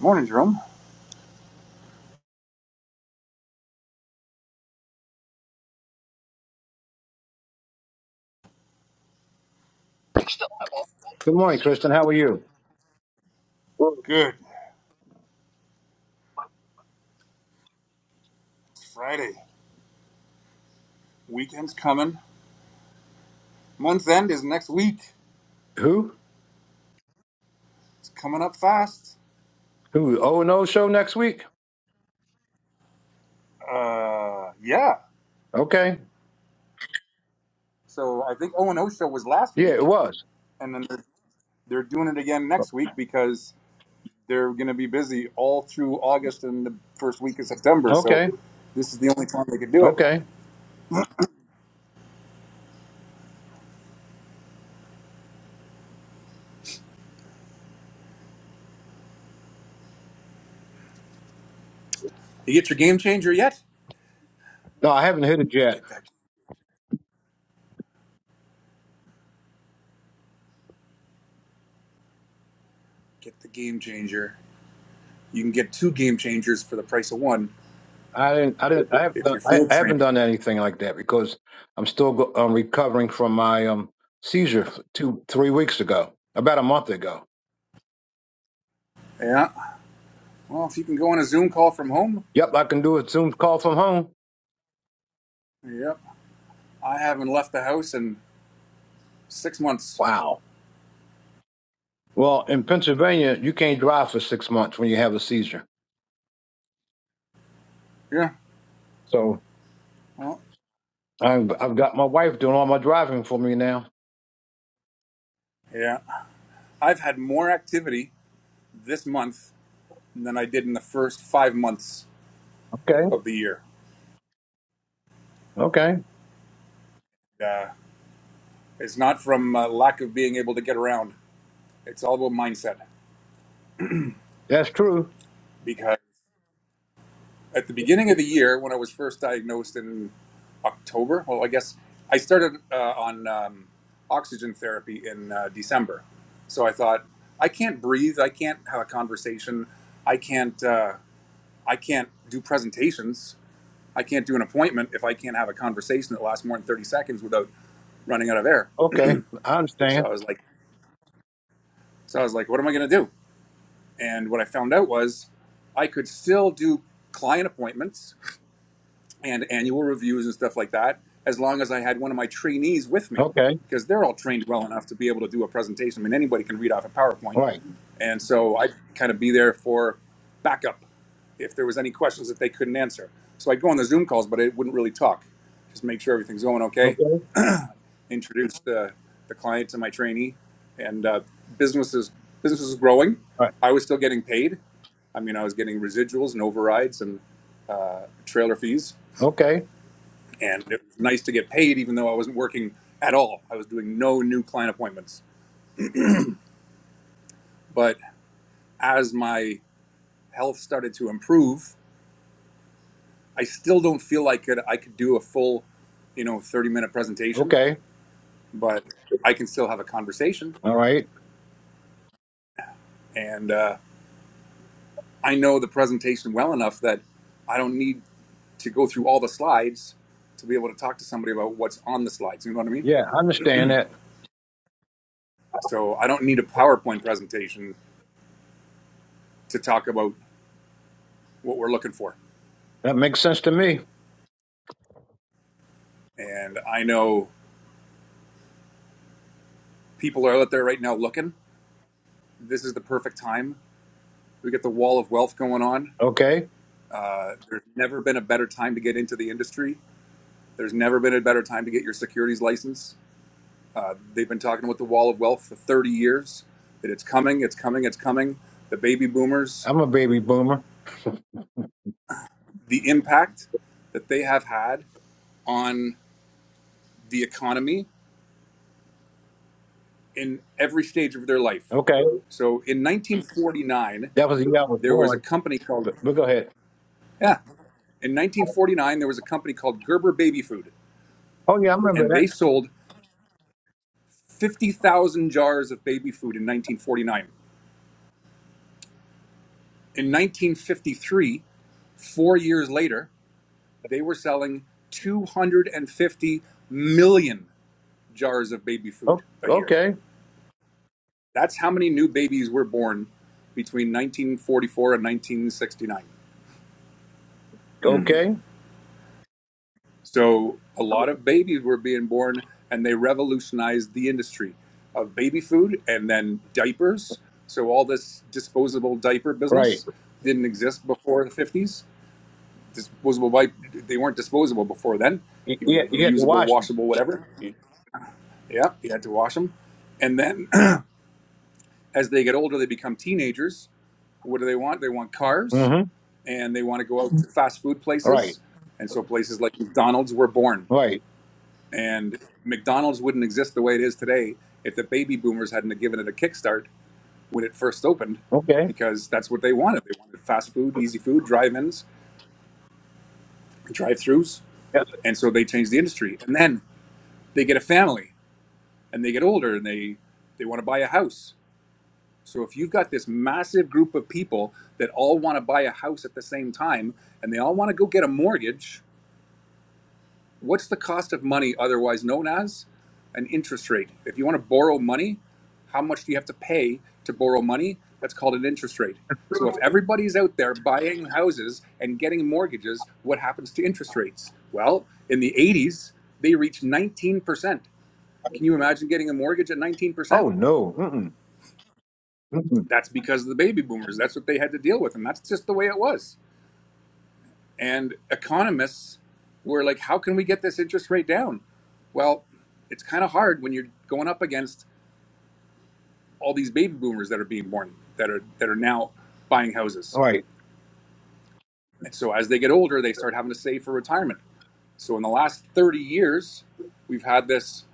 Morning, Jerome. Good morning, Kristen. How are you? Well, Good. It's Friday. Weekend's coming. Month end is next week. Who? It's coming up fast. Who? O and O show next week? Uh, yeah. Okay. So I think O and O show was last Yeah, it week, was. and then they're, they're doing it again next week because they're going to be busy all through August and the first week of September. So Okay. this is the only time they could do it. Okay. You get your game changer yet? No, I haven't hit it yet. Get that. Get the game changer. You can get two game changers for the price of one I didn't. I didn't. I haven't if done. you're I, field I haven't trained. done anything like that because I'm still go, um, recovering from my um seizure f- two, three weeks ago, about a month ago. Yeah. Well, if you can go on a Zoom call from home. Yep, I can do a Zoom call from home. Yep. I haven't left the house in six months. Wow. Well, in Pennsylvania, you can't drive for six months when you have a seizure. Yeah. So Well, I'm, I've got my wife doing all my driving for me now. yeah. I've had more activity this month than I did in the first five months Okay. of the year. Okay. Uh, it's not from uh, lack of being able to get around. It's all about mindset. That's true. Because at the beginning of the year, when I was first diagnosed in October, well, I guess I started uh, on um, oxygen therapy in uh, December. So I thought, I can't breathe. I can't have a conversation. I can't. Uh, I can't do presentations. I can't do an appointment if I can't have a conversation that lasts more than 30 seconds without running out of air. Okay, I So understand. I was like, so I was like, what am I going to do? And what I found out was I could still do client appointments and annual reviews and stuff like that as long as I had one of my trainees with me Okay, because they're all trained well enough to be able to do a presentation. I mean, anybody can read off a PowerPoint right. And so I'd kind of be there for backup if there was any questions that they couldn't answer. So I'd go on the Zoom calls, but I wouldn't really talk. Just make sure everything's going okay. Okay, Introduce the, the client to my trainee, and uh, business is business is growing. right. I was still getting paid. I mean, I was getting residuals and overrides and uh, trailer fees, Okay, and it was nice to get paid, even though I wasn't working at all. I was doing no new client appointments. But as my health started to improve, I still don't feel like it, I could do a full, you know, 30 minute presentation, okay. but I can still have a conversation. All right. And uh, I know the presentation well enough that I don't need to go through all the slides to be able to talk to somebody about what's on the slides. You know what I mean? Yeah, I understand that. So I don't need a PowerPoint presentation to talk about what we're looking for. That makes sense to me. And I know people are out there right now looking. This is the perfect time. We get the wall of wealth going on. Okay, Uh, there's never been a better time to get into the industry There's never been a better time to get your securities license. Uh, they've been talking about the Wall of Wealth for 30 years that it's coming, it's coming, it's coming. The baby boomers, I'm a baby boomer. the impact that they have had on the economy in every stage of their life. Okay, So in 1949, that was the year I was there was a born. company called, But, but go ahead. yeah, in 1949, there was a company called Gerber Baby Food, Oh yeah, I remember and that. they sold 50,000 jars of baby food in 1949. In 1953, Four years later, they were selling 250 million jars of baby food O- a year. Okay, That's how many new babies were born between 1944 and 1969. okay, So a lot of babies were being born, and they revolutionized the industry of baby food and then diapers. So all this disposable diaper right. business didn't exist before the 50s. Disposable wipe, they weren't disposable before then. You, You you, had have you had to reusable, wash. washable, whatever me. Yeah, you had to wash them. And then as they get older, they become teenagers. What do they want? They want cars Mm-hmm. and they want to go out to fast food Right, places. And so places like McDonald's were born. right. And McDonald's wouldn't exist the way it is today if the baby boomers hadn't have given it a kickstart when it first opened, Okay. because that's what they wanted. They wanted fast food, easy food, drive ins, drive throughs. That's And so they changed the industry. And then they get a family and they get older and they, they want to buy a house So if you've got this massive group of people that all want to buy a house at the same time and they all want to go get a mortgage, what's the cost of money otherwise known as an interest rate? If you want to borrow money, how much do you have to pay to borrow money? That's called an interest rate. So if everybody's out there buying houses and getting mortgages, what happens to interest rates? Well, in the 80s, they reached 19%. Can you imagine getting a mortgage at 19%? Oh no. Mm-mm. Mm-mm. That's because of the baby boomers. That's what they had to deal with, and that's just the way it was. And economists were like, "How can we get this interest rate down?" Well, it's kind of hard when you're going up against all these baby boomers that are being born that are that are now buying houses. Right, And so as they get older, they start having to save for retirement. So in the last 30 years, we've had this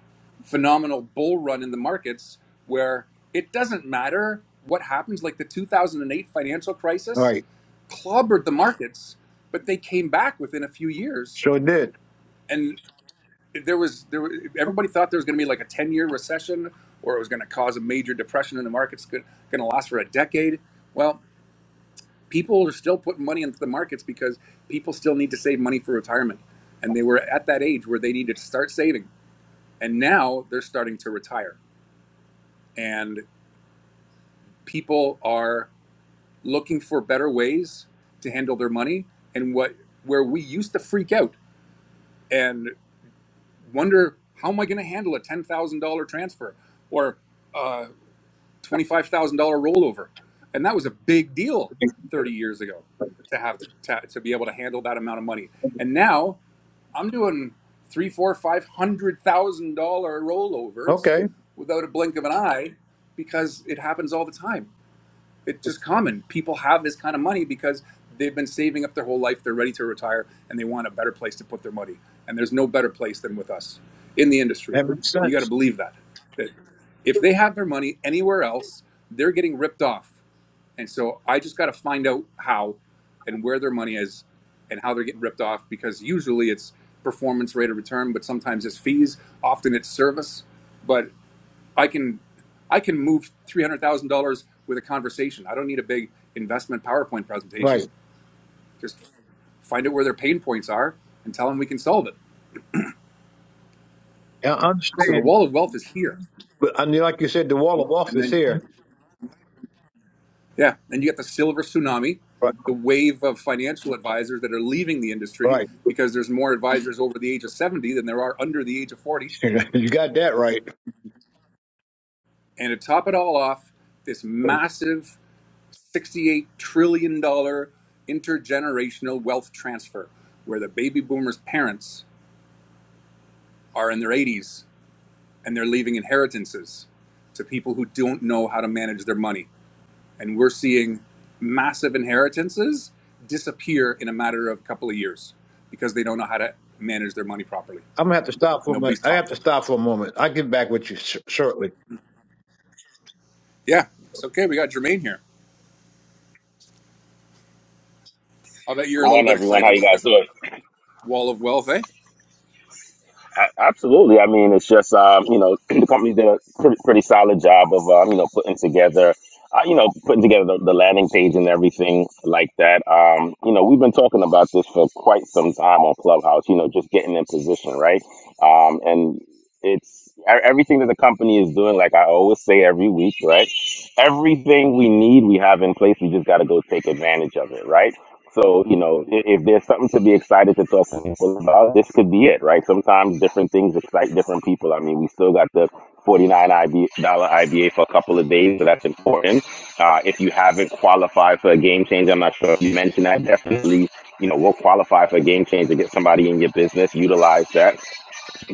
phenomenal bull run in the markets where it doesn't matter what happens like the 2008 financial crisis right. clobbered the markets, but they came back within a few years. Sure did. And there was there was- everybody thought there was going to be like a ten year recession, or it was going to cause a major depression in the markets, going to last for a decade. Well, people are still putting money into the markets because people still need to save money for retirement, and they were at that age where they needed to start saving, and now they're starting to retire, and people are looking for better ways to handle their money, and what where we used to freak out and wonder how am I going to handle a ten thousand dollar transfer or a twenty five thousand dollar rollover, and that was a big deal thirty years ago to have to, to to be able to handle that amount of money. And now I'm doing three, four, five hundred thousand dollar rollovers Okay, without a blink of an eye because it happens all the time it's just common. People have this kind of money because they've been saving up their whole life. They're ready to retire and they want a better place to put their money. And there's no better place than with us in the industry. that makes You got to sense. believe that. That if they have their money anywhere else, they're getting ripped off. And so I just got to find out how and where their money is and how they're getting ripped off because usually it's performance rate of return, but sometimes it's fees, often it's service. But I can I can move three hundred thousand dollars with a conversation. I don't need a big investment PowerPoint presentation. Right. Just find out where their pain points are and tell them we can solve it. I So understand. the wall of wealth is here. And like you said, the wall of And office then here. yeah, then you get the silver tsunami, Right. the wave of financial advisors that are leaving the industry Right. because there's more advisors over the age of 70 than there are under the age of 40. you got that right. And to top it all off, this massive $68 trillion dollars intergenerational wealth transfer where the baby boomers' parents are in their 80s and they're leaving inheritances to people who don't know how to manage their money. And we're seeing massive inheritances disappear in a matter of a couple of years because they don't know how to manage their money properly. I'm gonna have to stop for a minute. Nobody's I taught have to them. stop for a moment. I'll get back with you sh- shortly. Yeah, it's okay. We got Jermaine here. I'll bet you're Good a little morning, bit everyone. How excited you about guys this doing? wall of wealth, eh? A- Absolutely. I mean, it's just um, you know the company did a pretty, pretty solid job of um, you know putting together, uh, you know putting together the, the landing page and everything like that. Um, you know we've been talking about this for quite some time on Clubhouse. You know just getting in position, right? Um, and it's e- everything that the company is doing like i always say every week right everything we need we have in place we just got to go take advantage of it right so you know i- if there's something to be excited to talk to people about this could be it right sometimes different things excite different people i mean we still got the 49 IB, dollar iba for a couple of days so that's important uh, if you haven't qualified for a game change i'm not sure if you mentioned that definitely you know we'll qualify for a game change to get somebody in your business utilize that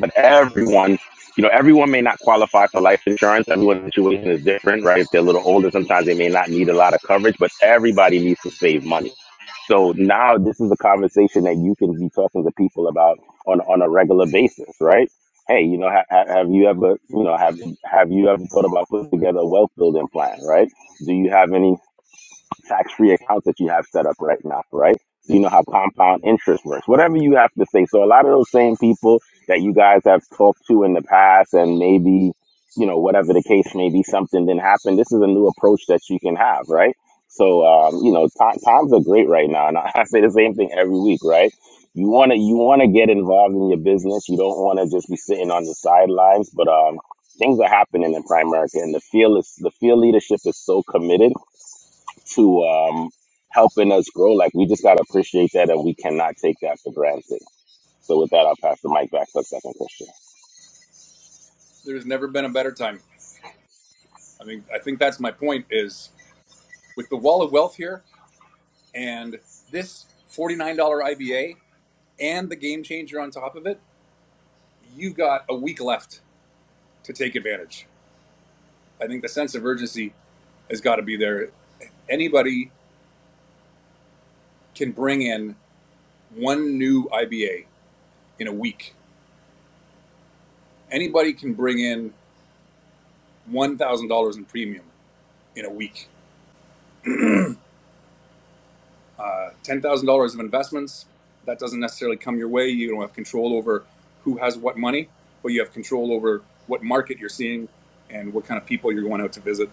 but everyone, you know, everyone may not qualify for life insurance. Everyone's situation is different, right? If they're a little older, sometimes they may not need a lot of coverage, but everybody needs to save money. So now this is a conversation that you can be talking to people about on, on a regular basis, right? Hey, you know, ha- ha- have you ever, you know, have have you ever thought about putting together a wealth building plan, right? Do you have any? tax free accounts that you have set up right now, right? So you know how compound interest works, whatever you have to say. So a lot of those same people that you guys have talked to in the past and maybe, you know, whatever the case may be, something didn't happen. This is a new approach that you can have, right? So, um, you know, ti times are great right now. And I, I say the same thing every week, right? You want to, you want to get involved in your business. You don't want to just be sitting on the sidelines, but, um, things are happening in Prime Primerica and the field is the field leadership is so committed to um, helping us grow. Like we just gotta appreciate that, and we cannot take that for granted. So with that, I'll pass the mic back to the second question. There's never been a better time. I mean, I think that's my point is with the Wall of Wealth here and this $49 IBA and the game changer on top of it, you've got a week left to take advantage. I think the sense of urgency has got to be there. Anybody can bring in one new IBA in a week. Anybody can bring in $1,000 in premium in a week uh, $10,000 of investments. That doesn't necessarily come your way. You don't have control over who has what money, but you have control over what market you're seeing and what kind of people you're going out to visit.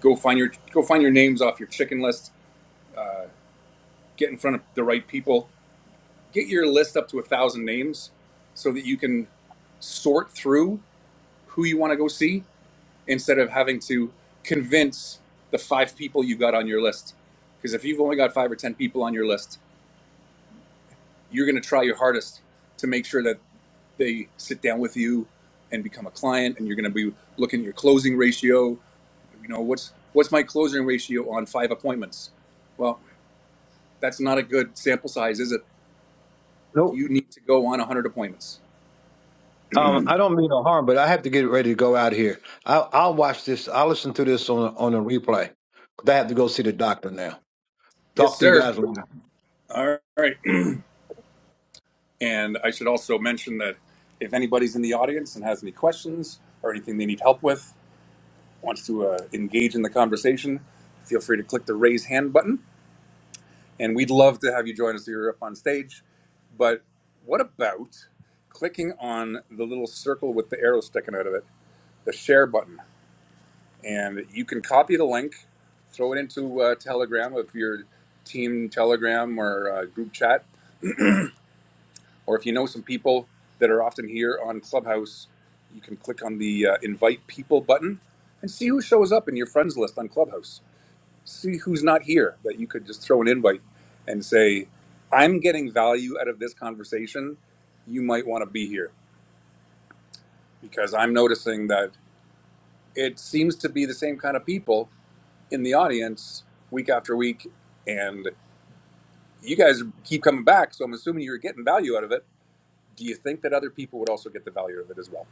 Go find your go find your names off your chicken list. Uh, get in front of the right people. Get your list up to a thousand names so that you can sort through who you want to go see instead of having to convince the five people you got on your list. Because if you've only got five or ten people on your list, you're going to try your hardest to make sure that they sit down with you and become a client and you're going to be looking at your closing ratio you know what's what's my closing ratio on five appointments well that's not a good sample size is it Nope. you need to go on 100 appointments Um, I don't mean no harm, but I have to get ready to go out here. I'll, I'll watch this. I'll listen to this on on a replay. 'Cause I have to go see the doctor now. yes Talk to you sir guys later. all right and i should also mention that if anybody's in the audience and has any questions or anything they need help with wants to uh, engage in the conversation feel free to click the raise hand button and we'd love to have you join us here up on stage. But what about clicking on the little circle with the arrow sticking out of it, the share button? And you can copy the link, throw it into uh, Telegram if your team Telegram or uh, group chat, or if you know some people that are often here on Clubhouse, you can click on the uh, invite people button and see who shows up in your friends list on Clubhouse see who's not here that you could just throw an invite and say i'm getting value out of this conversation you might want to be here because i'm noticing that it seems to be the same kind of people in the audience week after week and you guys keep coming back so i'm assuming you're getting value out of it do you think that other people would also get the value of it as well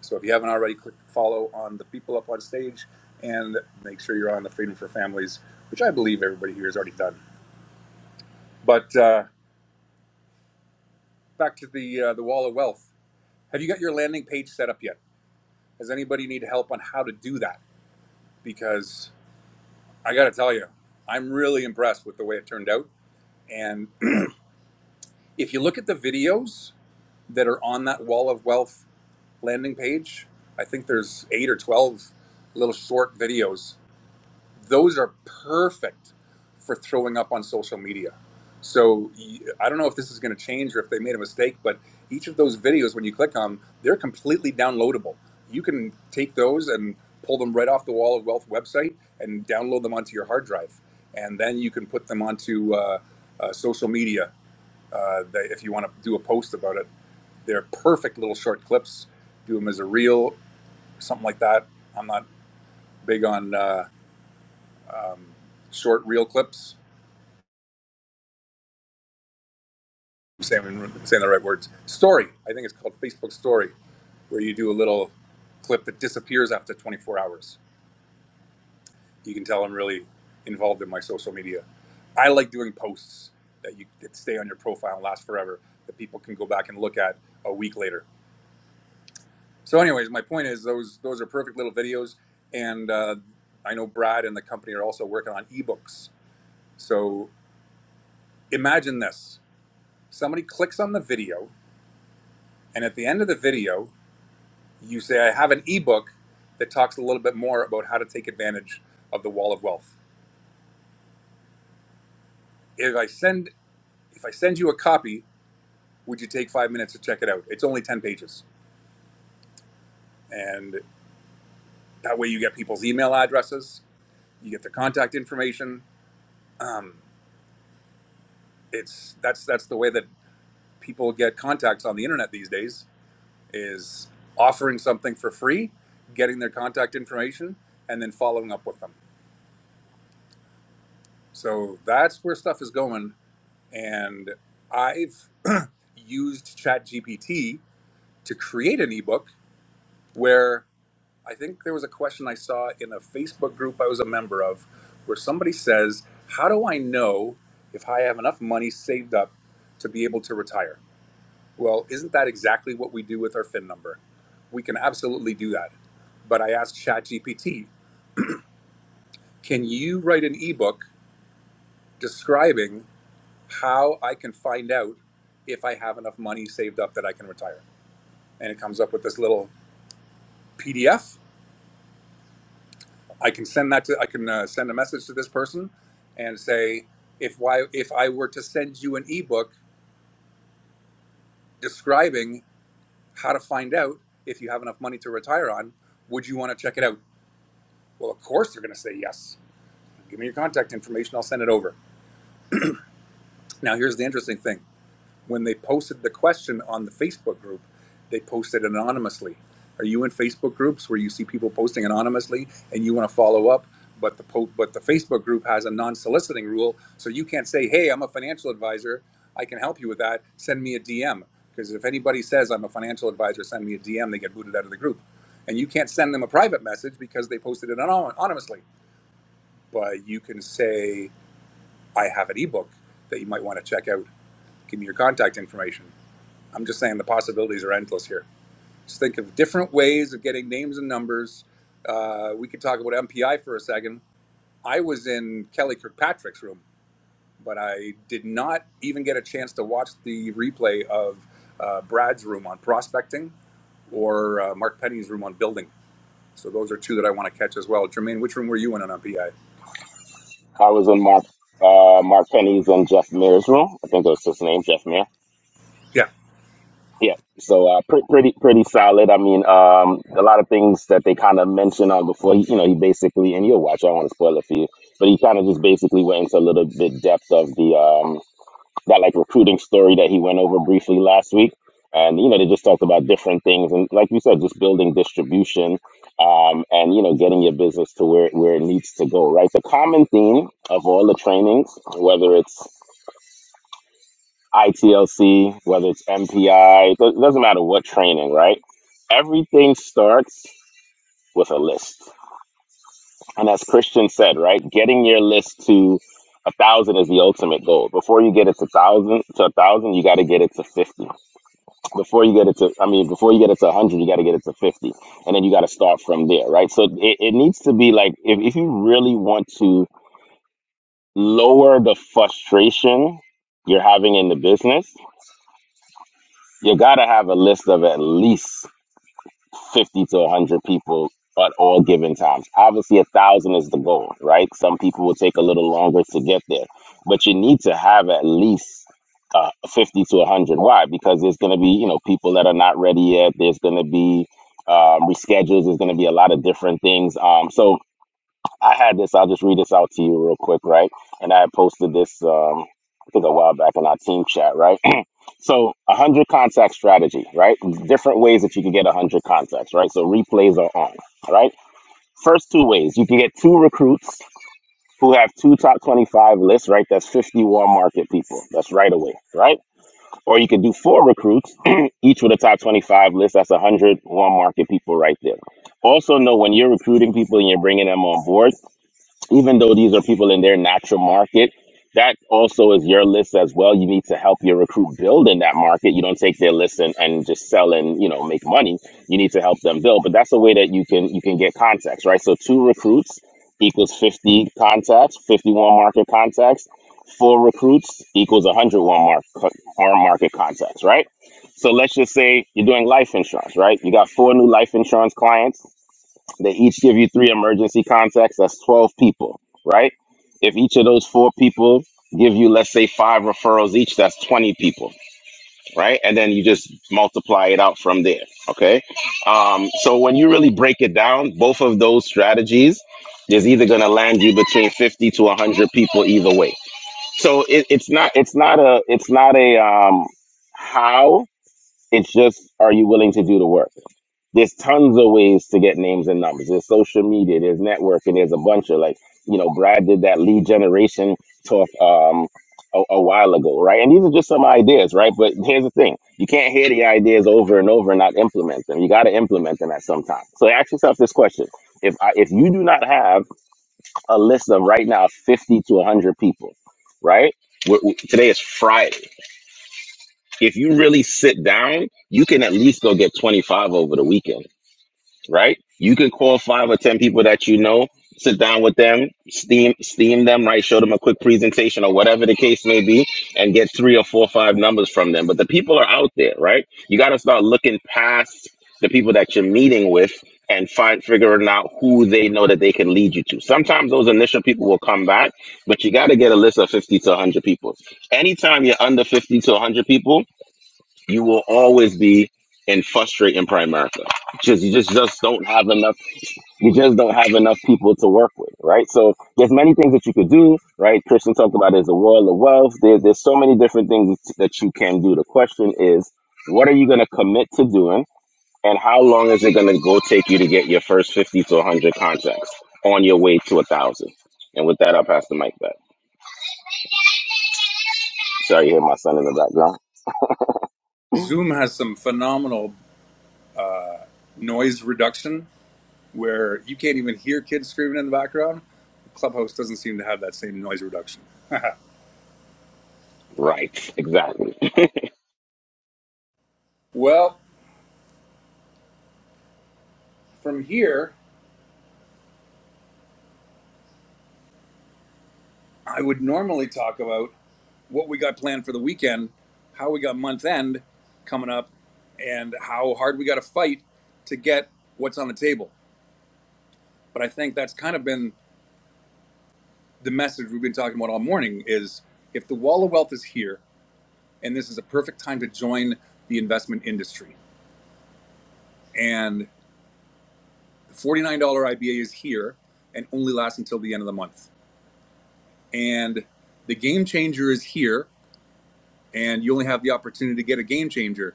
so if you haven't already click follow on the people up on stage and make sure you're on the freedom for families which i believe everybody here has already done but uh, Back to the uh, the wall of wealth. Have you got your landing page set up yet? Does anybody need help on how to do that? Because I got to tell you, I'm really impressed with the way it turned out. And if you look at the videos that are on that wall of wealth landing page, I think there's eight or twelve little short videos those are perfect for throwing up on social media. So I I don't know if this is going to change or if they made a mistake, but each of those videos, when you click on, them, they're completely downloadable. You can take those and pull them right off the Wall of Wealth website and download them onto your hard drive, and then you can put them onto uh, uh, social media uh, that if you want to do a post about it. They're perfect little short clips. Do them as a reel, something like that. I'm not big on uh, um, short reel clips saying, I'm saying the right words. Story. I think it's called Facebook Story, where you do a little clip that disappears after 24 hours. You can tell I'm really involved in my social media. I like doing posts that you that stay on your profile and last forever, that people can go back and look at a week later. So, anyways, my point is those those are perfect little videos, and uh, I know Brad and the company are also working on ebooks. So imagine this: somebody clicks on the video, and at the end of the video, You say, I have an ebook that talks a little bit more about how to take advantage of the wall of wealth. If I send if I send you a copy, would you take five minutes to check it out? It's only ten pages. And that way you get people's email addresses, you get their contact information. Um, it's that's that's the way that people get contacts on the internet these days is offering something for free, getting their contact information, and then following up with them. So that's where stuff is going. And I've used ChatGPT to create an ebook where I think there was a question I saw in a Facebook group I was a member of where somebody says, How do I know if I have enough money saved up to be able to retire? Well, isn't that exactly what we do with our FIN number? We can absolutely do that. But I asked ChatGPT, Can you write an ebook describing how I can find out if I have enough money saved up that I can retire? And it comes up with this little PDF I can send that to I can uh, send a message to this person and say if why if I were to send you an ebook describing how to find out if you have enough money to retire on, would you want to check it out? Well, of course they're going to say yes. Give me your contact information, I'll send it over. Now, here's the interesting thing. when they posted the question on the Facebook group, they posted anonymously. Are you in Facebook groups where you see people posting anonymously and you want to follow up? But the po- but the Facebook group has a non-soliciting rule, so you can't say, "Hey, I'm a financial advisor. I can help you with that. Send me a DM." Because if anybody says I'm a financial advisor, send me a DM, they get booted out of the group. And you can't send them a private message because they posted it anon- anonymously. But you can say, "I have an ebook that you might want to check out. Give me your contact information." I'm just saying the possibilities are endless here. Just think of different ways of getting names and numbers. Uh, we could talk about MPI for a second. I was in Kelly Kirkpatrick's room, but I did not even get a chance to watch the replay of uh, Brad's room on prospecting or uh, Mark Penny's room on building. So those are two that I want to catch as well. Jermaine, which room were you in on MPI? I was in Mark uh, Mark Penny's and Jeff Mears room. I think that's his name, Jeff Meir. Yeah, Yeah. So uh, pre- pretty pretty solid. I mean, um, a lot of things that they kind of mentioned on before. He, you know, he basically and you'll watch. I don't want to spoil it for you, but he kind of just basically went into a little bit depth of the. um. that like recruiting story that he went over briefly last week. And you know, they just talked about different things, and like you said, just building distribution, um, and you know, getting your business to where where it needs to go. Right. The common theme of all the trainings, whether it's ITLC, whether it's MPI, it do- doesn't matter what training, right? Everything starts with a list, and as Christian said, right, getting your list to a thousand is the ultimate goal. Before you get it to thousand to a thousand, you got to get it to fifty before you get it to i mean before you get it to 100 you got to get it to 50 and then you got to start from there right so it, it needs to be like if, if you really want to lower the frustration you're having in the business you got to have a list of at least 50 to 100 people at all given times. Obviously, a thousand is the goal, right? Some people will take a little longer to get there, but you need to have at least uh, 50 to 100. Why? Because there's going to be, you know, people that are not ready yet. There's going to be um, reschedules. There's going to be a lot of different things. Um, so I had this. I'll just read this out to you real quick, right? And I posted this, um, I think, a while back in our team chat, right? So a hundred contact strategy, right? Different ways that you can get a hundred contacts, right? So replays are on, all right? First two ways, you can get two recruits who have two top 25 lists, right? That's 50 warm market people. That's right away, right? Or you can do four recruits, each with a top 25 list. That's 100 warm market people right there. Also know when you're recruiting people and you're bringing them on board, even though these are people in their natural market, that also is your list as well. You need to help your recruit build in that market. You don't take their list and, and just sell and you know make money. You need to help them build. But that's a way that you can you can get contacts, right? So two recruits equals fifty contacts, fifty one market contacts. Four recruits equals one hundred one mark our market contacts, right? So let's just say you're doing life insurance, right? You got four new life insurance clients they each give you three emergency contacts. That's 12 people, right? If each of those four people give you, let's say, five referrals each, that's 20 people, right? And then you just multiply it out from there, okay? Um, so when you really break it down, both of those strategies is either going to land you between 50 to 100 people either way. So it, it's not, it's not a, it's not a um, how. It's just, are you willing to do the work? There's tons of ways to get names and numbers. There's social media, there's networking, there's a bunch of like, you know, Brad did that lead generation talk um, a, a while ago, right? And these are just some ideas, right? But here's the thing you can't hear the ideas over and over and not implement them. You got to implement them at some time. So ask yourself this question. If, I, if you do not have a list of right now 50 to 100 people, right? We're, we- today is Friday if you really sit down, you can at least go get 25 over the weekend, right? You can call five or 10 people that you know, sit down with them, steam, steam them, right? Show them a quick presentation or whatever the case may be and get three or four or five numbers from them. But the people are out there, right? You got to start looking past the people that you're meeting with and find figuring out who they know that they can lead you to. Sometimes those initial people will come back, but you got to get a list of 50 to 100 people anytime you're under 50 to 100 people you will always be in frustrate in prime America. Just you just just don't have enough you just don't have enough people to work with, right? So there's many things that you could do, right? Christian talked about there's a world of wealth. There, there's so many different things that you can do. The question is, what are you gonna commit to doing and how long is it gonna go take you to get your first fifty to hundred contacts on your way to a thousand? And with that I'll pass the mic back. Sorry you hear my son in the background. Zoom has some phenomenal noise reduction where you can't even hear kids screaming in the background. Clubhouse doesn't seem to have that same noise reduction. Right, exactly. Well, from here, I would normally talk about what we got planned for the weekend, how we got month end coming up, and how hard we got to fight to get what's on the table. But I think that's kind of been the message we've been talking about all morning is if the wall of wealth is here, and this is a perfect time to join the investment industry. And $49 IBA is here and only lasts until the end of the month. And the game changer is here, and you only have the opportunity to get a game changer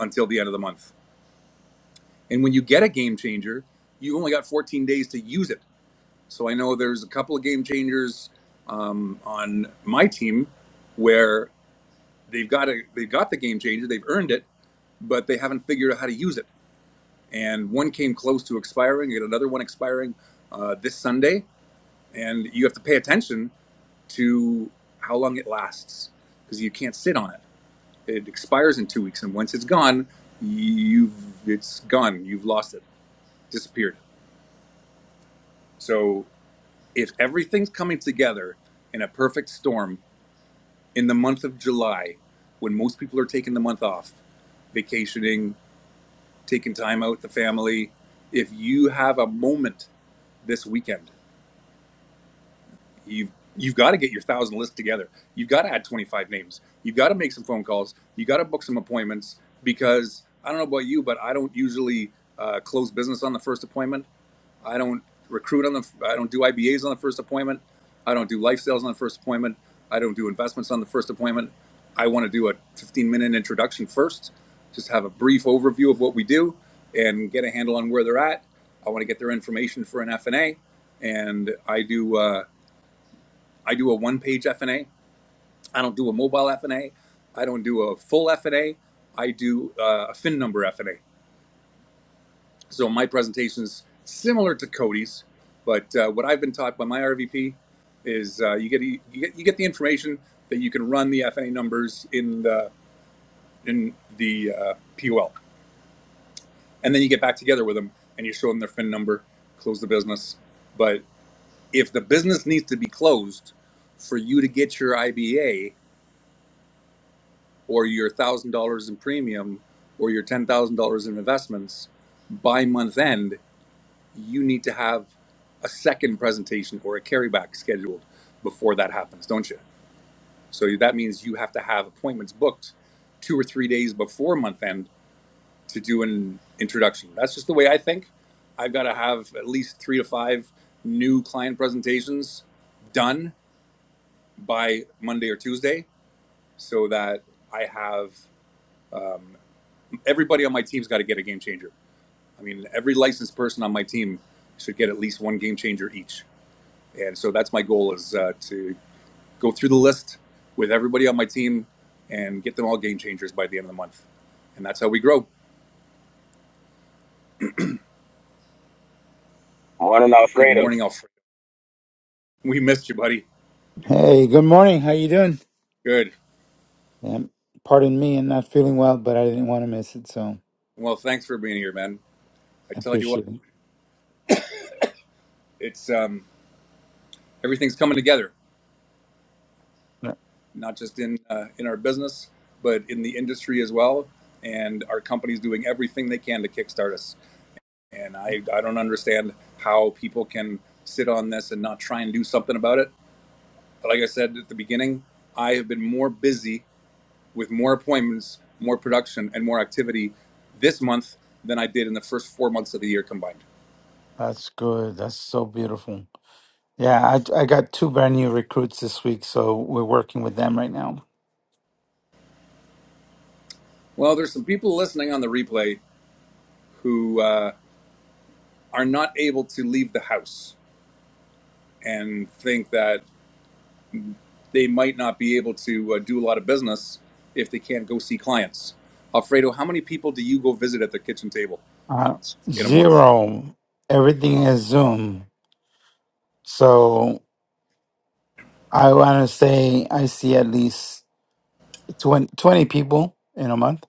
until the end of the month. And when you get a game changer, you only got 14 days to use it. So I know there's a couple of game changers um, on my team where they've got a they've got the game changer, they've earned it, but they haven't figured out how to use it. And one came close to expiring, and another one expiring uh, this Sunday. And you have to pay attention to how long it lasts because you can't sit on it. It expires in two weeks, and once it's gone, you've it's gone. You've lost it, disappeared. So if everything's coming together in a perfect storm in the month of July, when most people are taking the month off, vacationing, taking time out with the family, if you have a moment this weekend you've you've got to get your thousand list together. You've got to add 25 names. You've got to make some phone calls. You got to book some appointments because I don't know about you, but I don't usually uh, close business on the first appointment. I don't recruit on the. I don't do IBAs on the first appointment. I don't do life sales on the first appointment. I don't do investments on the first appointment. I want to do a 15 minute introduction first, just have a brief overview of what we do and get a handle on where they're at. I want to get their information for an F and A, and I do. Uh, I do a one page f FNA. I don't do a mobile f FNA. I don't do a full f FNA. I do uh, a fin number F&A. So my presentation is similar to Cody's, but uh, what I've been taught by my RVP is uh, you get you get you get the information that you can run the F&A numbers in the in the uh, POL, and then you get back together with them and you show them their fin number, close the business. But if the business needs to be closed for you to get your IBA, or your one thousand dollars in premium or your ten thousand dollars in investments by month end, you need to have a second presentation or a carryback scheduled before that happens, don't you? So that means you have to have appointments booked two or three days before month end to do an introduction. That's just the way I think. I've got to have at least three to five new client presentations done by Monday or Tuesday so that I have everybody on my team's got to get a game changer I mean, every licensed person on my team should get at least one game changer each. And so that's my goal is uh, to go through the list with everybody on my team and get them all game changers by the end of the month. And that's how we grow. Morning Good Alfredo. morning, Alfredo. We missed you, buddy. Hey, good morning. How you doing? Good. Um, pardon me, I'm not feeling well, but I didn't want to miss it, so Well, thanks for being here, man. I I tell you what, appreciate it. it's um, everything's coming together, No, not just in uh, in our business, but in the industry as well. And our company's doing everything they can to kickstart us. and I, I don't understand how people can sit on this and not try and do something about it. But like I said at the beginning, I have been more busy with more appointments, more production, and more activity this month than I did in the first four months of the year combined. That's good. That's so beautiful. Yeah, I, I got two brand new recruits this week, so we're working with them right now. Well, there's some people listening on the replay who uh, are not able to leave the house and think that they might not be able to uh, do a lot of business if they can't go see clients. Alfredo, how many people do you go visit at the kitchen table Uh, in a month? zero. Everything is Zoom. So I want to say I see at least 20 20 people in a month.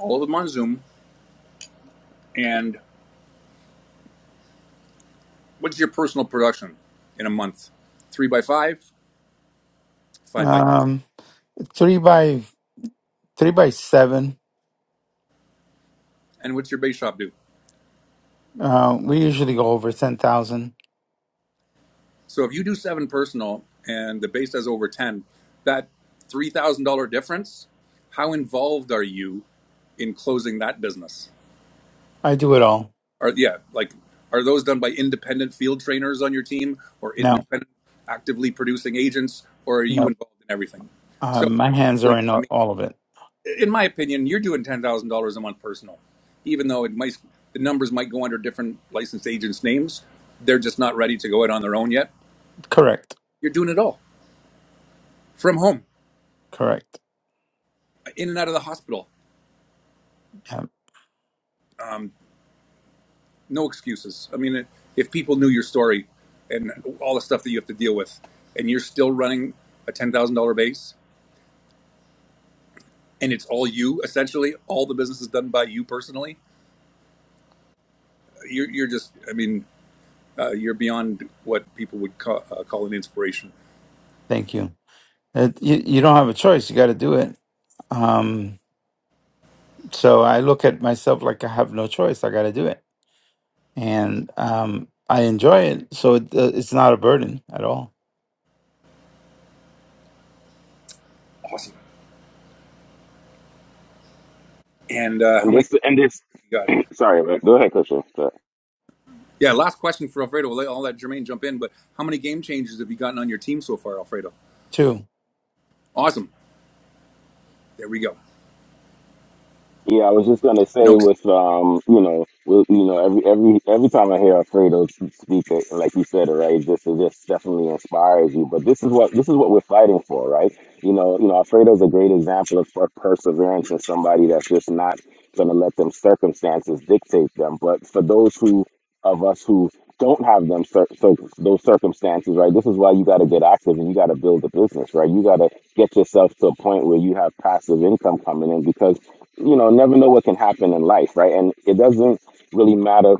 all of them on Zoom. And what's your personal production in a month? Three by five, five by ten. Um, three by three by seven. And what's your bass shop do? Uh, we usually go over ten thousand. So if you do seven personal and the bass does over 10, that $3,000 difference, how involved are you in closing that business? I do it all. Are, yeah, like, are those done by independent field trainers on your team or now. independent actively producing agents, or are you No, involved in everything? So um, my hands essentially, are to in all me, all of it. in my opinion, you're doing ten thousand dollars a month personal, even though it might the numbers might go under different licensed agents' names. They're just not ready to go out on their own yet. Correct, You're doing it all from home, correct. in and out of the hospital, Yeah, no excuses. I mean, if people knew your story and all the stuff that you have to deal with, and you're still running a ten thousand dollar base, and it's all you essentially, all the business is done by you personally. You're, you're just, I mean, uh, you're beyond what people would call, uh, call an inspiration. thank you. Uh, you. You don't have a choice. You got to do it. Um, so I look at myself like I have no choice. I got to do it, and um, I enjoy it. So it, uh, it's not a burden at all. Awesome. And uh, how And many? this and this You Got it. Sorry, man. Go ahead, Coach. Sorry. Yeah, last question for Alfredo. I'll let, I'll let Jermaine jump in, but how many game changes have you gotten on your team so far, Alfredo? Two. Awesome. There we go. Yeah, I was just gonna say No, ex- with um, you know, with, you know, every every every time I hear Alfredo speak, it, like you said, right, this it just definitely inspires you. But this is what this is what we're fighting for, right? You know, you know, Alfredo's a great example of per- perseverance and somebody that's just not gonna let them circumstances dictate them. But for those who of us who don't have them cir- so those circumstances, right? This is why you got to get active and you got to build a business, right? You got to get yourself to a point where you have passive income coming in because you know, never know what can happen in life, right? And it doesn't really matter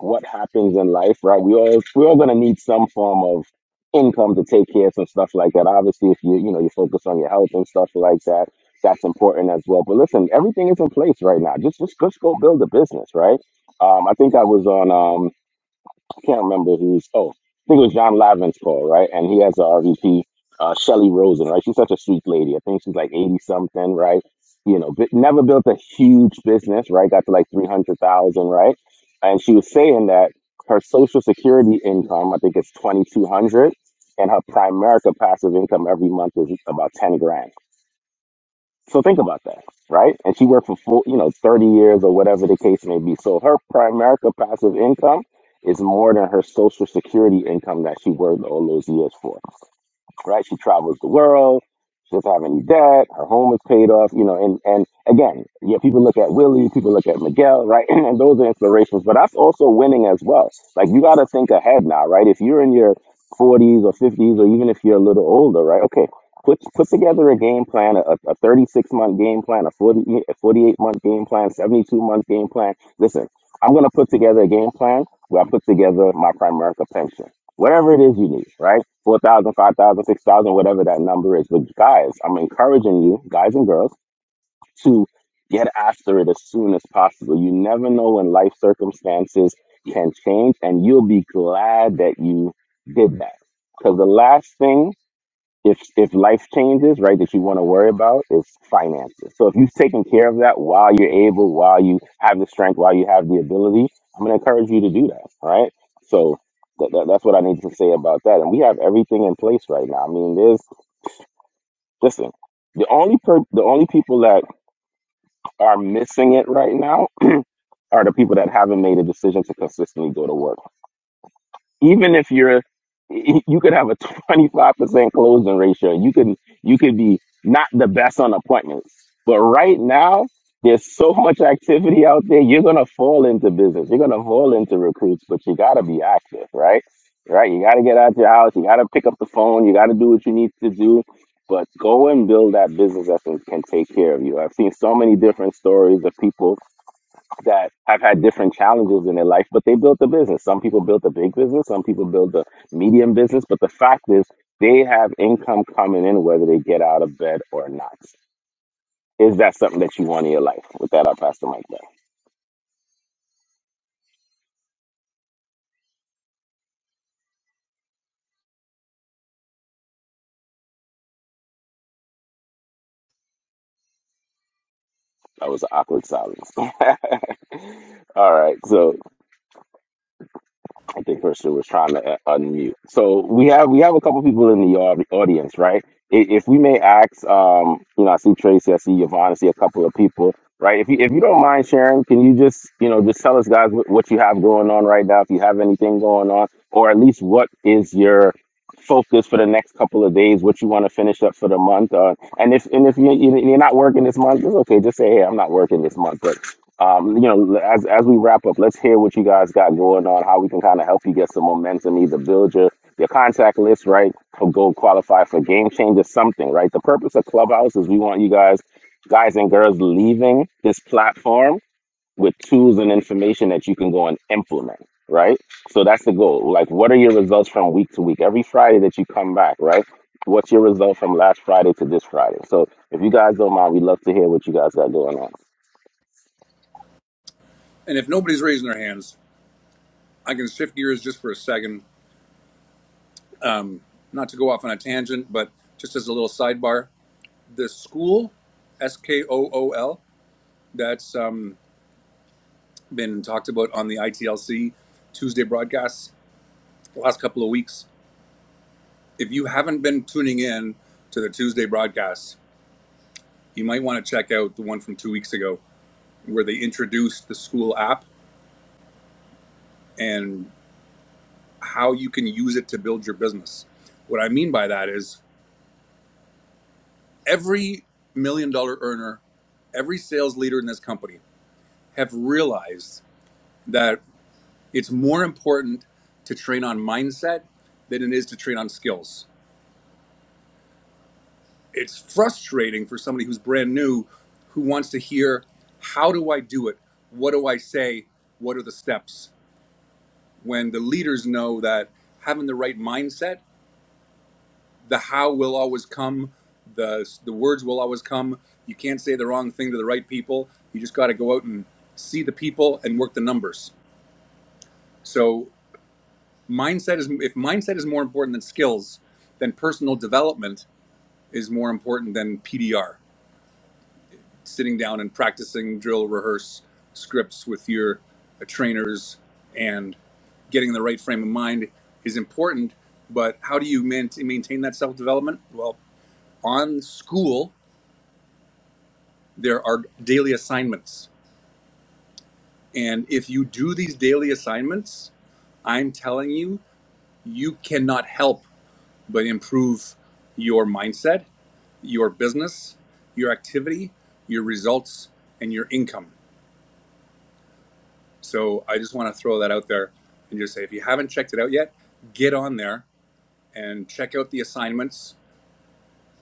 what happens in life, right? We all we're all gonna need some form of income to take care of some stuff like that. Obviously, if you you know you focus on your health and stuff like that, that's important as well. But listen, everything is in place right now. Just just just go build a business, right? Um, I think I was on. um, I can't remember who's. Oh, I think it was John Lavin's call, right? And he has a RVP, uh, Shelly Rosen, right? She's such a sweet lady. I think she's like eighty something, right? You know, but never built a huge business, right? Got to like three hundred thousand, right? And she was saying that her Social Security income, I think it's twenty two hundred, and her Primerica passive income every month is about ten grand so think about that, right? And she worked for full, you know, 30 years or whatever the case may be. So her primary passive income is more than her social security income that she worked all those years for right? She travels the world. She doesn't have any debt. Her home is paid off. You know, and and again, yeah, people look at Willie, people look at Miguel, right? And those are inspirations. But that's also winning as well. Like you got to think ahead now, right? If you're in your 40s or 50s, or even if you're a little older, right? Okay, put put together a game plan, a, a 36 month game plan, a 40 a 48 month game plan, 72 month game plan. Listen, I'm gonna put together a game plan where I put together my Primerica pension whatever it is you need, right? 4,000, 5,000, 6,000, whatever that number is. But guys, I'm encouraging you, guys and girls, to get after it as soon as possible. You never know when life circumstances can change, and you'll be glad that you did that. Because the last thing if if life changes, right, that you want to worry about is finances. So if you've taken care of that while you're able, while you have the strength, while you have the ability, I'm going to encourage you to do that. All right. So that, that, that's what I need to say about that. And we have everything in place right now. I mean, there's listen. The only per, the only people that are missing it right now are the people that haven't made a decision to consistently go to work. even if you're you could have a 25% closing ratio you could you could be not the best on appointments but right now there's so much activity out there you're going to fall into business you're going to fall into recruits but you got to be active right right you got to get out your house you got to pick up the phone you got to do what you need to do but go and build that business that can, can take care of you i've seen so many different stories of people that have had different challenges in their life, but they built a business. Some people built a big business, some people built a medium business, but the fact is they have income coming in whether they get out of bed or not. Is that something that you want in your life? With that, I'll pass the mic back. That was an awkward silence. All right. So I think Crystal was trying to uh, unmute. So we have we have a couple people in the au- audience, right? I- If we may ask, um, you know, I see Tracy, I see Yvonne, I see a couple of people, right? If you if you don't mind sharing, can you just you know just tell us guys what, what you have going on right now, if you have anything going on, or at least what is your focus for the next couple of days, what you want to finish up for the month, uh, and if and if you, you- you're not working this month, it's okay. Just say, hey, I'm not working this month, but um, you know, as as we wrap up, let's hear what you guys got going on, how we can kind of help you get some momentum, either build your your contact list, right, or go qualify for game change or something, right? The purpose of Clubhouse is we want you guys, guys and girls, leaving this platform with tools and information that you can go and implement, right? So that's the goal. Like, what are your results from week to week? Every Friday that you come back, right? What's your result from last Friday to this Friday? So if you guys don't mind, we'd love to hear what you guys got going on. and if nobody's raising their hands, I can shift gears just for a second, not to go off on a tangent, but just as a little sidebar. The school, S K O O L, that's um, been talked about on the ITLC Tuesday broadcasts the last couple of weeks. If you haven't been tuning in to the Tuesday broadcasts, you might want to check out the one from two weeks ago where they introduced the school app and how you can use it to build your business. What I mean by that is every million dollar earner, every sales leader in this company have realized that it's more important to train on mindset than it is to train on skills. It's frustrating for somebody who's brand new who wants to hear how do I do it? What do I say? What are the steps? When the leaders know that having the right mindset the how will always come the the words will always come you can't say the wrong thing to the right people you just got to go out and see the people and work the numbers so mindset is if mindset is more important than skills then personal development is more important than pdr sitting down and practicing drill rehearse scripts with your uh, trainers and getting in the right frame of mind is important but how do you man- maintain that self-development well on school there are daily assignments. And if you do these daily assignments, I'm telling you, you cannot help but improve your mindset, your business, your activity, your results, and your income. So I just want to throw that out there and just say if you haven't checked it out yet, get on there and check out the assignments.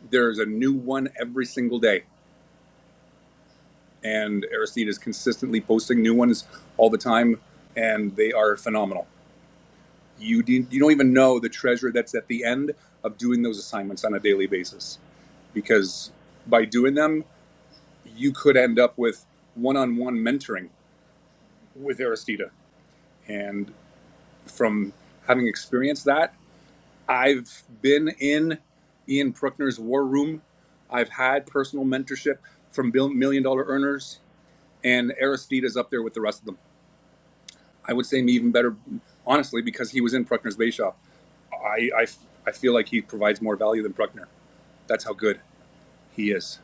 There's a new one every single day. And Aristide is consistently posting new ones all the time, and they are phenomenal. You did you don't even know the treasure that's at the end of doing those assignments on a daily basis because by doing them, you could end up with one-on-one mentoring with Aristida. And from having experienced that, I've been in Ian Pruckner's war room. I've had personal mentorship from million dollar earners, and Aristida's up there with the rest of them. I would say me even better, honestly, because he was in Pruckner's Bay Shop. I, I, I feel like he provides more value than Pruckner. That's how good he is.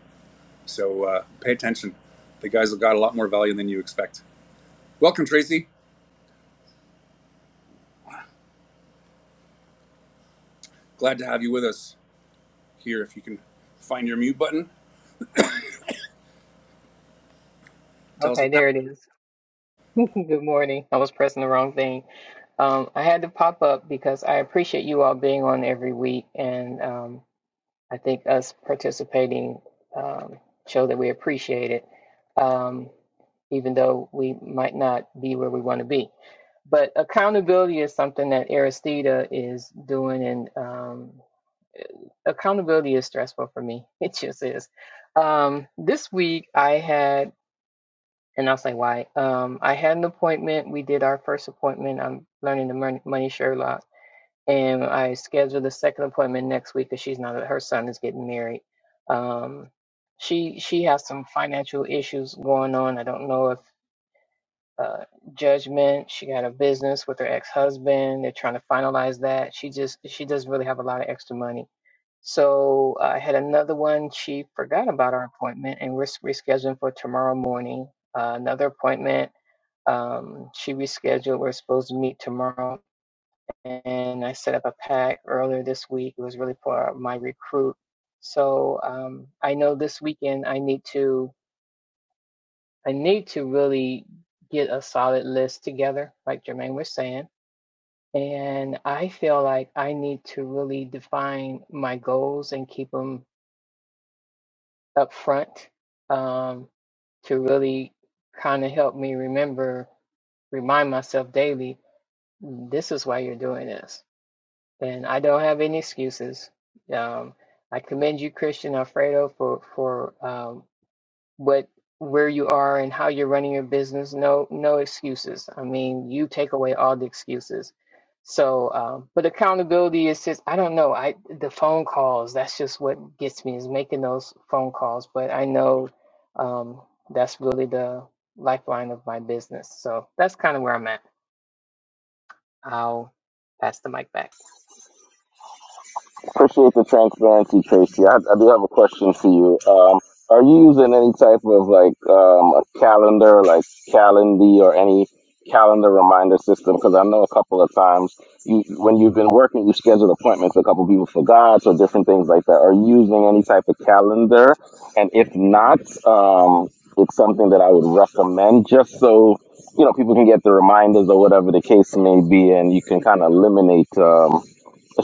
So uh, pay attention. The guys have got a lot more value than you expect. Welcome, Tracy. Glad to have you with us here. If you can find your mute button, tell us Okay, what's that. there it is. Good morning. I was pressing the wrong thing. Um, I had to pop up because I appreciate you all being on every week, and um, I think us participating um, show that we appreciate it, um, even though we might not be where we want to be. But accountability is something that Aristida is doing, and um, accountability is stressful for me. It just is. Um, this week, I had. And I was like, why? Um, I had an appointment. We did our first appointment. I'm learning the Mon- money Sherlock. And I scheduled a second appointment next week because she's not, her son is getting married. Um, she she has some financial issues going on. I don't know if uh, judgment. She got a business with her ex-husband. They're trying to finalize that. She just she doesn't really have a lot of extra money. So I had another one. She forgot about our appointment, and we're s- rescheduling for tomorrow morning. Uh, another appointment um, she rescheduled. We're supposed to meet tomorrow, and I set up a pack earlier this week. It was really for my recruit. So um, I know this weekend I need to I need to really get a solid list together, like Jermaine was saying. And I feel like I need to really define my goals and keep them up front um, to really kind of help me remember, remind myself daily, this is why you're doing this Then I don't have any excuses. Um, I commend you, Christian Alfredo, for for um, what where you are and how you're running your business. No, no excuses. I mean, you take away all the excuses. So, um, but accountability is just I don't know. I the phone calls. That's just what gets me is making those phone calls. But I know um, that's really the lifeline of my business. So that's kind of where I'm at. I'll pass the mic back. Appreciate the transparency, Tracy. I, I do have a question for you. Um, are you using any type of like um, a calendar, like Calendly, or any calendar reminder system? Because I know a couple of times you, when you've been working, you scheduled appointments. A couple people forgot, or different things like that. Are you using any type of calendar? And if not, um, it's something that I would recommend, just so you know people can get the reminders or whatever the case may be, and you can kind of eliminate. Um,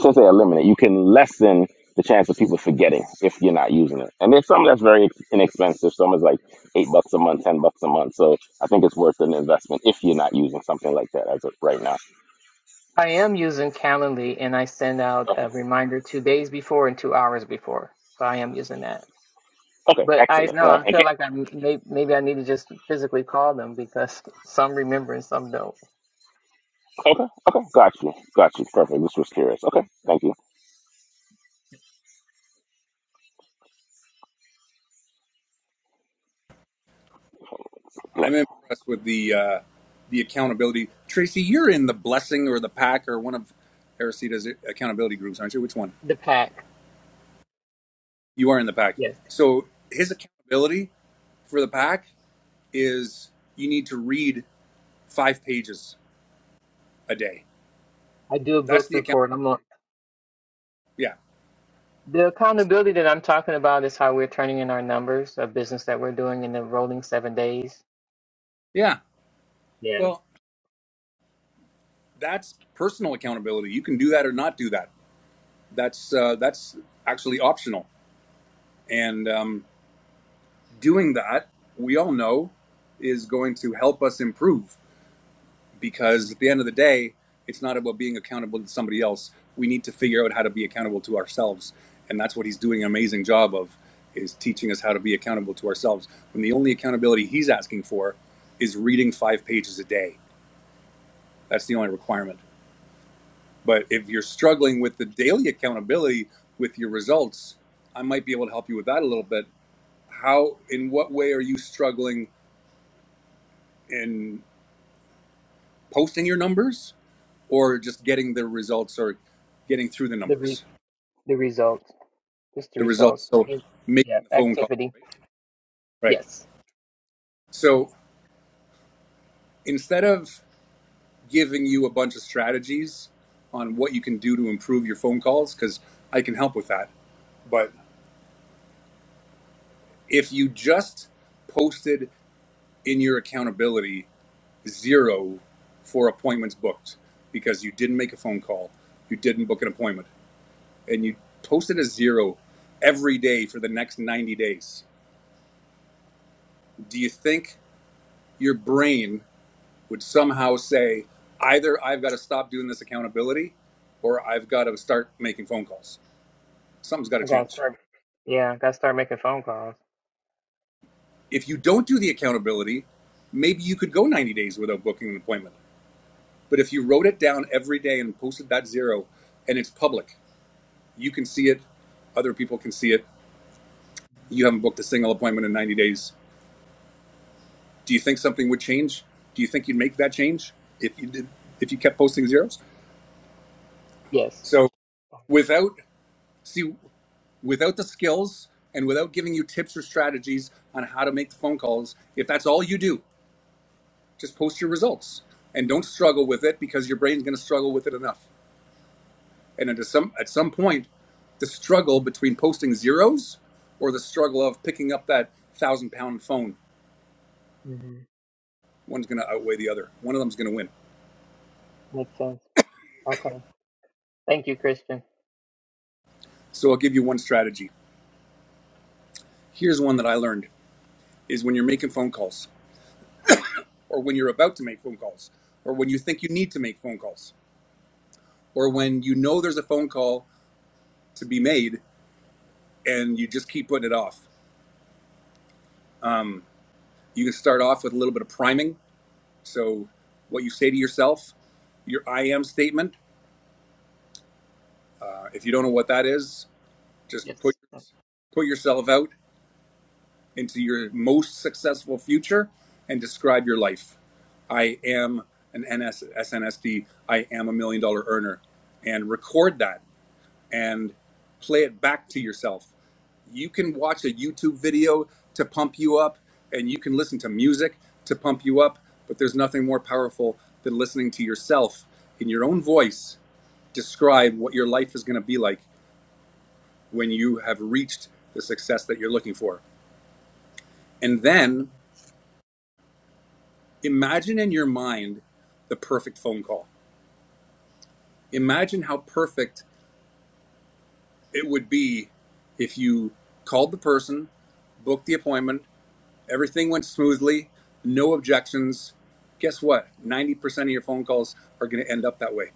since they eliminate, you can lessen the chance of people forgetting if you're not using it. And there's some that's very inexpensive. Some is like eight bucks a month, ten bucks a month. So I think it's worth an investment if you're not using something like that as of right now. I am using Calendly and I send out Okay. a reminder two days before and two hours before. So I am using that. Okay. But I Excellent. know Right. I feel Okay. like I may, maybe I need to just physically call them because some remember and some don't. Okay. Okay. Got you. Got you. Perfect. This was curious. Okay. Thank you. Yeah. I'm impressed with the uh, the accountability. Tracy, you're in the blessing or the pack or one of Aristide's accountability groups, aren't you? Which one? The pack, You are in the pack. yes, So his accountability for the pack is you need to read five pages a day. I do a That's book the account. report. I'm on Yeah. the So accountability that I'm talking about is how we're turning in our numbers of business that we're doing in the rolling seven days. yeah. Yeah, Well, that's personal accountability. You can do that or not do that. That's uh, that's actually optional. And um, doing that, we all know, is going to help us improve because Mhm. at the end of the day, it's not about being accountable to somebody else. We need to figure out how to be accountable to ourselves, and that's what he's doing an amazing job of, is teaching us how to be accountable to ourselves. When the only accountability he's asking for is reading five pages a day. That's the only requirement. But if you're Yeah. struggling with the daily accountability with your results, I might be able to help you with that a little bit. How, in what way are you struggling in posting your numbers or just getting the results or getting through the the re- numbers, the results, just the the results? results. So Yeah, Yeah. making the phone call, activity. right? Right. Yes. So instead of giving you a bunch of strategies on what you can do to improve your phone calls, because I can help with that. But if you just posted in your accountability zero for appointments booked because you didn't make a phone call, you didn't book an appointment, and you posted a zero every day for the next 90 days, do you think your brain would somehow say, either I've got to stop doing this accountability or I've got to start making phone calls? Something's got to I gotta change. start. Yeah, gotta start making phone calls. If you don't do the accountability, maybe you could go 90 days without booking an appointment. But if you wrote it down every day and posted that zero and it's public, You can see it. Other people can see it. You haven't booked a single appointment in 90 days. Do you think something would change? Do you think you'd make that change if you did, if you kept posting zeros? Yes. So without, see, without the skills and without giving you tips or strategies on how to make the phone calls, if that's all you do, just post your results and don't struggle with it because your brain's going to struggle with it enough. And at some, at some point, the struggle between posting zeros or the struggle of picking up that thousand pound phone hmm one's going to outweigh the other. One of them's going to win. Makes sense. Okay. Thank you, Christian. So I'll give you one strategy. Here's one that I learned is when you're making phone calls or when you're about to make phone calls or when you think you need to make phone calls or when you know there's a phone call to be made and you just keep putting it off. You can start off with a little bit of priming. So what you say to yourself, your I am statement. Uh, if you don't know what that is, just Yes. put put yourself out into your most successful future and describe your life. I am an NS, SNSD. I am a million dollar earner. And record that and play it back to yourself. You can watch a YouTube video to pump you up, and you can listen to music to pump you up, but there's nothing more powerful than listening to yourself in your own voice describe what your life is going to be like when you have reached the success that you're looking for. And then imagine in your mind the perfect phone call. Imagine how perfect it would be if you called the person, booked the appointment, everything went smoothly, no objections. Guess what? 90% of your phone calls are going to end up that way.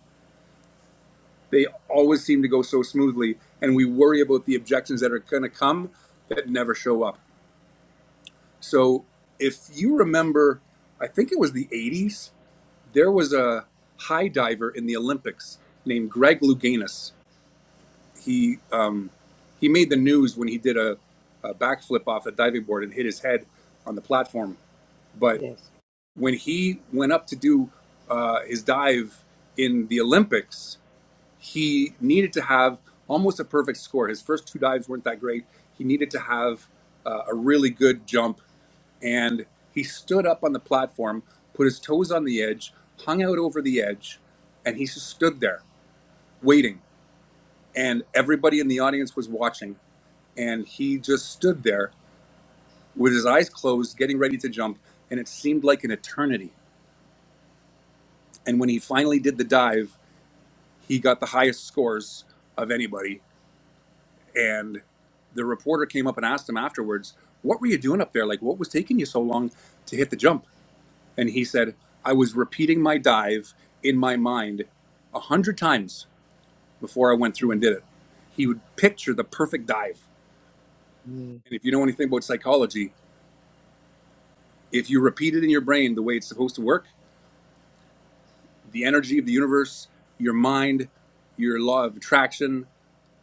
They always seem to go so smoothly, and we worry about the objections that are going to come that never show up. So if you remember, I think it was the 80s, There was a high diver in the Olympics named Greg Louganis. He um, he made the news when he did a, a backflip off the diving board and hit his head on the platform. But Yes. when he went up to do uh, his dive in the Olympics, he needed to have almost a perfect score. His first two dives weren't that great. He needed to have uh, a really good jump and he stood up on the platform, put his toes on the edge, hung out over the edge, and he just stood there waiting. And everybody in the audience was watching, and he just stood there with his eyes closed, getting ready to jump, and it seemed like an eternity. And when he finally did the dive, he got the highest scores of anybody. And the reporter came up and asked him afterwards, What were you doing up there? Like, what was taking you so long to hit the jump? And he said, I was repeating my dive in my mind a hundred times before I went through mm and did it. He would picture the perfect dive. Mm. And if you know anything about psychology, if you repeat it in your brain the way it's supposed to work, the energy of the universe, your mind, your law of attraction,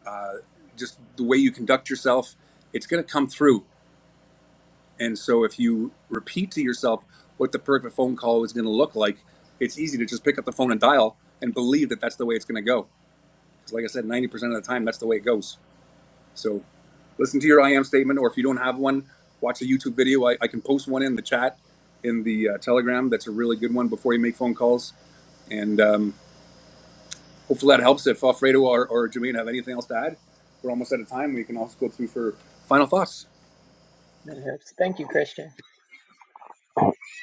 uh, just the way you conduct yourself, it's going to come through. And so if you repeat to yourself what the perfect phone call is going to look like, it's easy to just pick up the phone and dial and believe that that's the way it's going to go. like I said, 90% of the time, that's the way it goes. So listen to your I am statement, or if you don't have one, watch a YouTube video. I, I can post one in the chat, in the uh, Telegram. That's a really good one before you make phone calls. And um, hopefully that helps. If Alfredo or, or Jermaine have anything else to add, we're almost out of time. We can also go through for final thoughts. That helps. Thank you, Christian.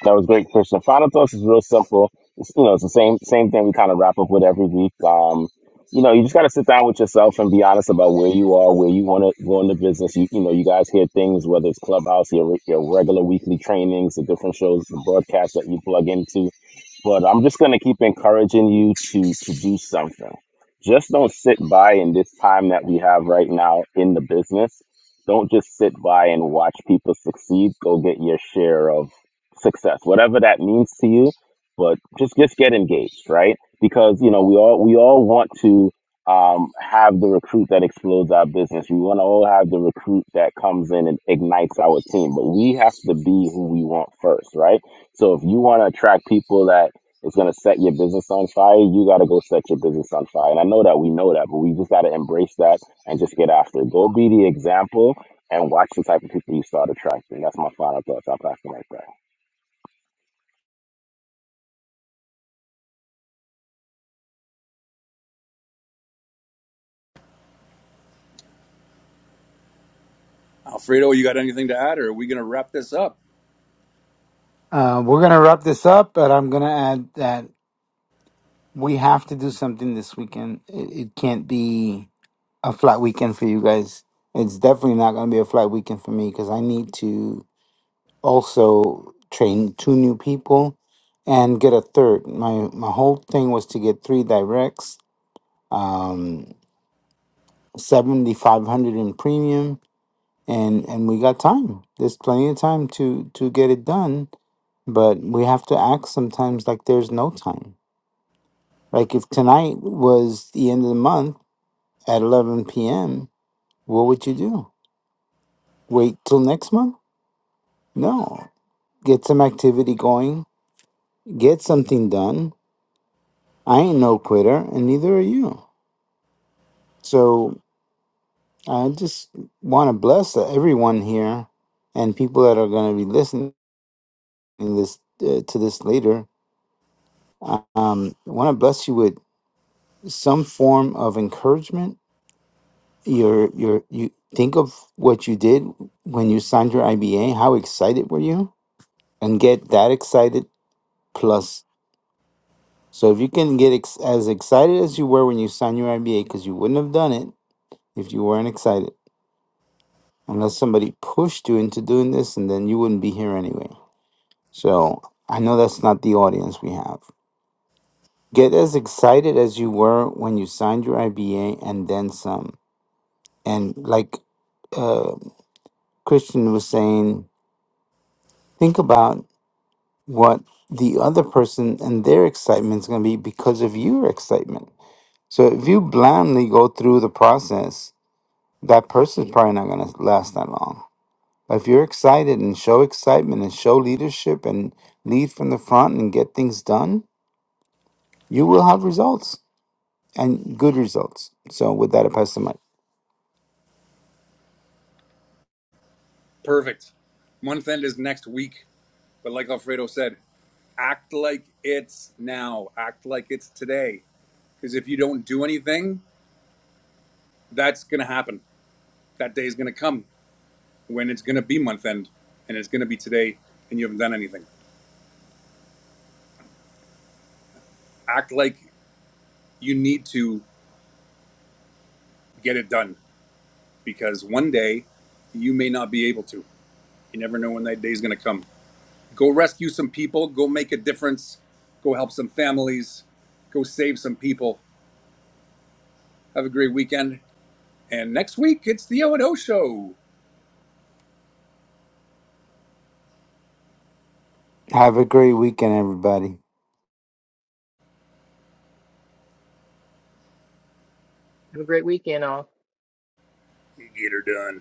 That was great, Krishna. Final thoughts is real simple. It's, you know, it's the same same thing we kind of wrap up with every week. Um, you know, you just got to sit down with yourself and be honest about where you are, where you want to go in the business. You, you know, you guys hear things whether it's Clubhouse, your your regular weekly trainings, the different shows, the broadcasts that you plug into but I'm just gonna keep encouraging you to to do something. Just don't sit by in this time that we have right now in the business. Don't just sit by and watch people succeed. Go get your share of success, whatever that means to you. But just just get engaged, right? Because you know we all we all want to um, have the recruit that explodes our business. We want to all have the recruit that comes in and ignites our team. But we have to be who we want first, right? So if you want to attract people that it's gonna set your business on fire. You gotta go set your business on fire. And I know that we know that, but we just gotta embrace that and just get after it. Go be the example and watch the type of people you start attracting. That's my final thoughts. I'll pass the mic back. Alfredo, you got anything to add, or are we going to wrap this up? Uh, we're gonna wrap this up, but I'm gonna add that we have to do something this weekend. It, it can't be a flat weekend for you guys. It's definitely not gonna be a flat weekend for me because I need to. also train two new people and get a third. My my whole thing was to get three directs, um, seventy five hundred in premium, and and we got time. There's plenty of time to to get it done, but we have to act sometimes like there's no time. Like if tonight was the end of the month at eleven p.m., what would you do? Wait till next month? No, get some activity going, get something done I ain't no quitter, and neither are you. So I just want to bless e-, everyone here and people that are going to be listening this uh, to this later. Um, I want to bless you with some form of encouragement. Your your you think of what you did when you signed your IBA. How excited were you? And get that excited plus. So if you can get ex- as excited as you were when you signed your IBA, because you wouldn't have done it if you weren't excited unless somebody pushed you into doing this, and then you wouldn't be here anyway. So I know that's not the audience we have. Get as excited as you were when you signed your IBA and then some. And like uh, Christian was saying, think about what the other person and their excitement is going to be because of your excitement. So if you blandly go through the process, that person's probably not going to last that long Like, If you're excited and show excitement and show leadership and lead from the front and get things done, you will have results and good results. So, with that, I pass the mic. Perfect. Month end is next week. But like Alfredo said, act like it's now, act like it's today. Because if you don't do anything, that's going to happen. That day is going to come when it's going to be month end and it's going to be today and you haven't done anything. Act like you need to get it done because one day you may not be able to. You never know when that day is going to come. Go rescue some people, go make a difference, go help some families, go save some people. Have a great weekend. And next week, it's the O&O show. Have a great weekend, everybody. Have a great weekend, all. Get her done.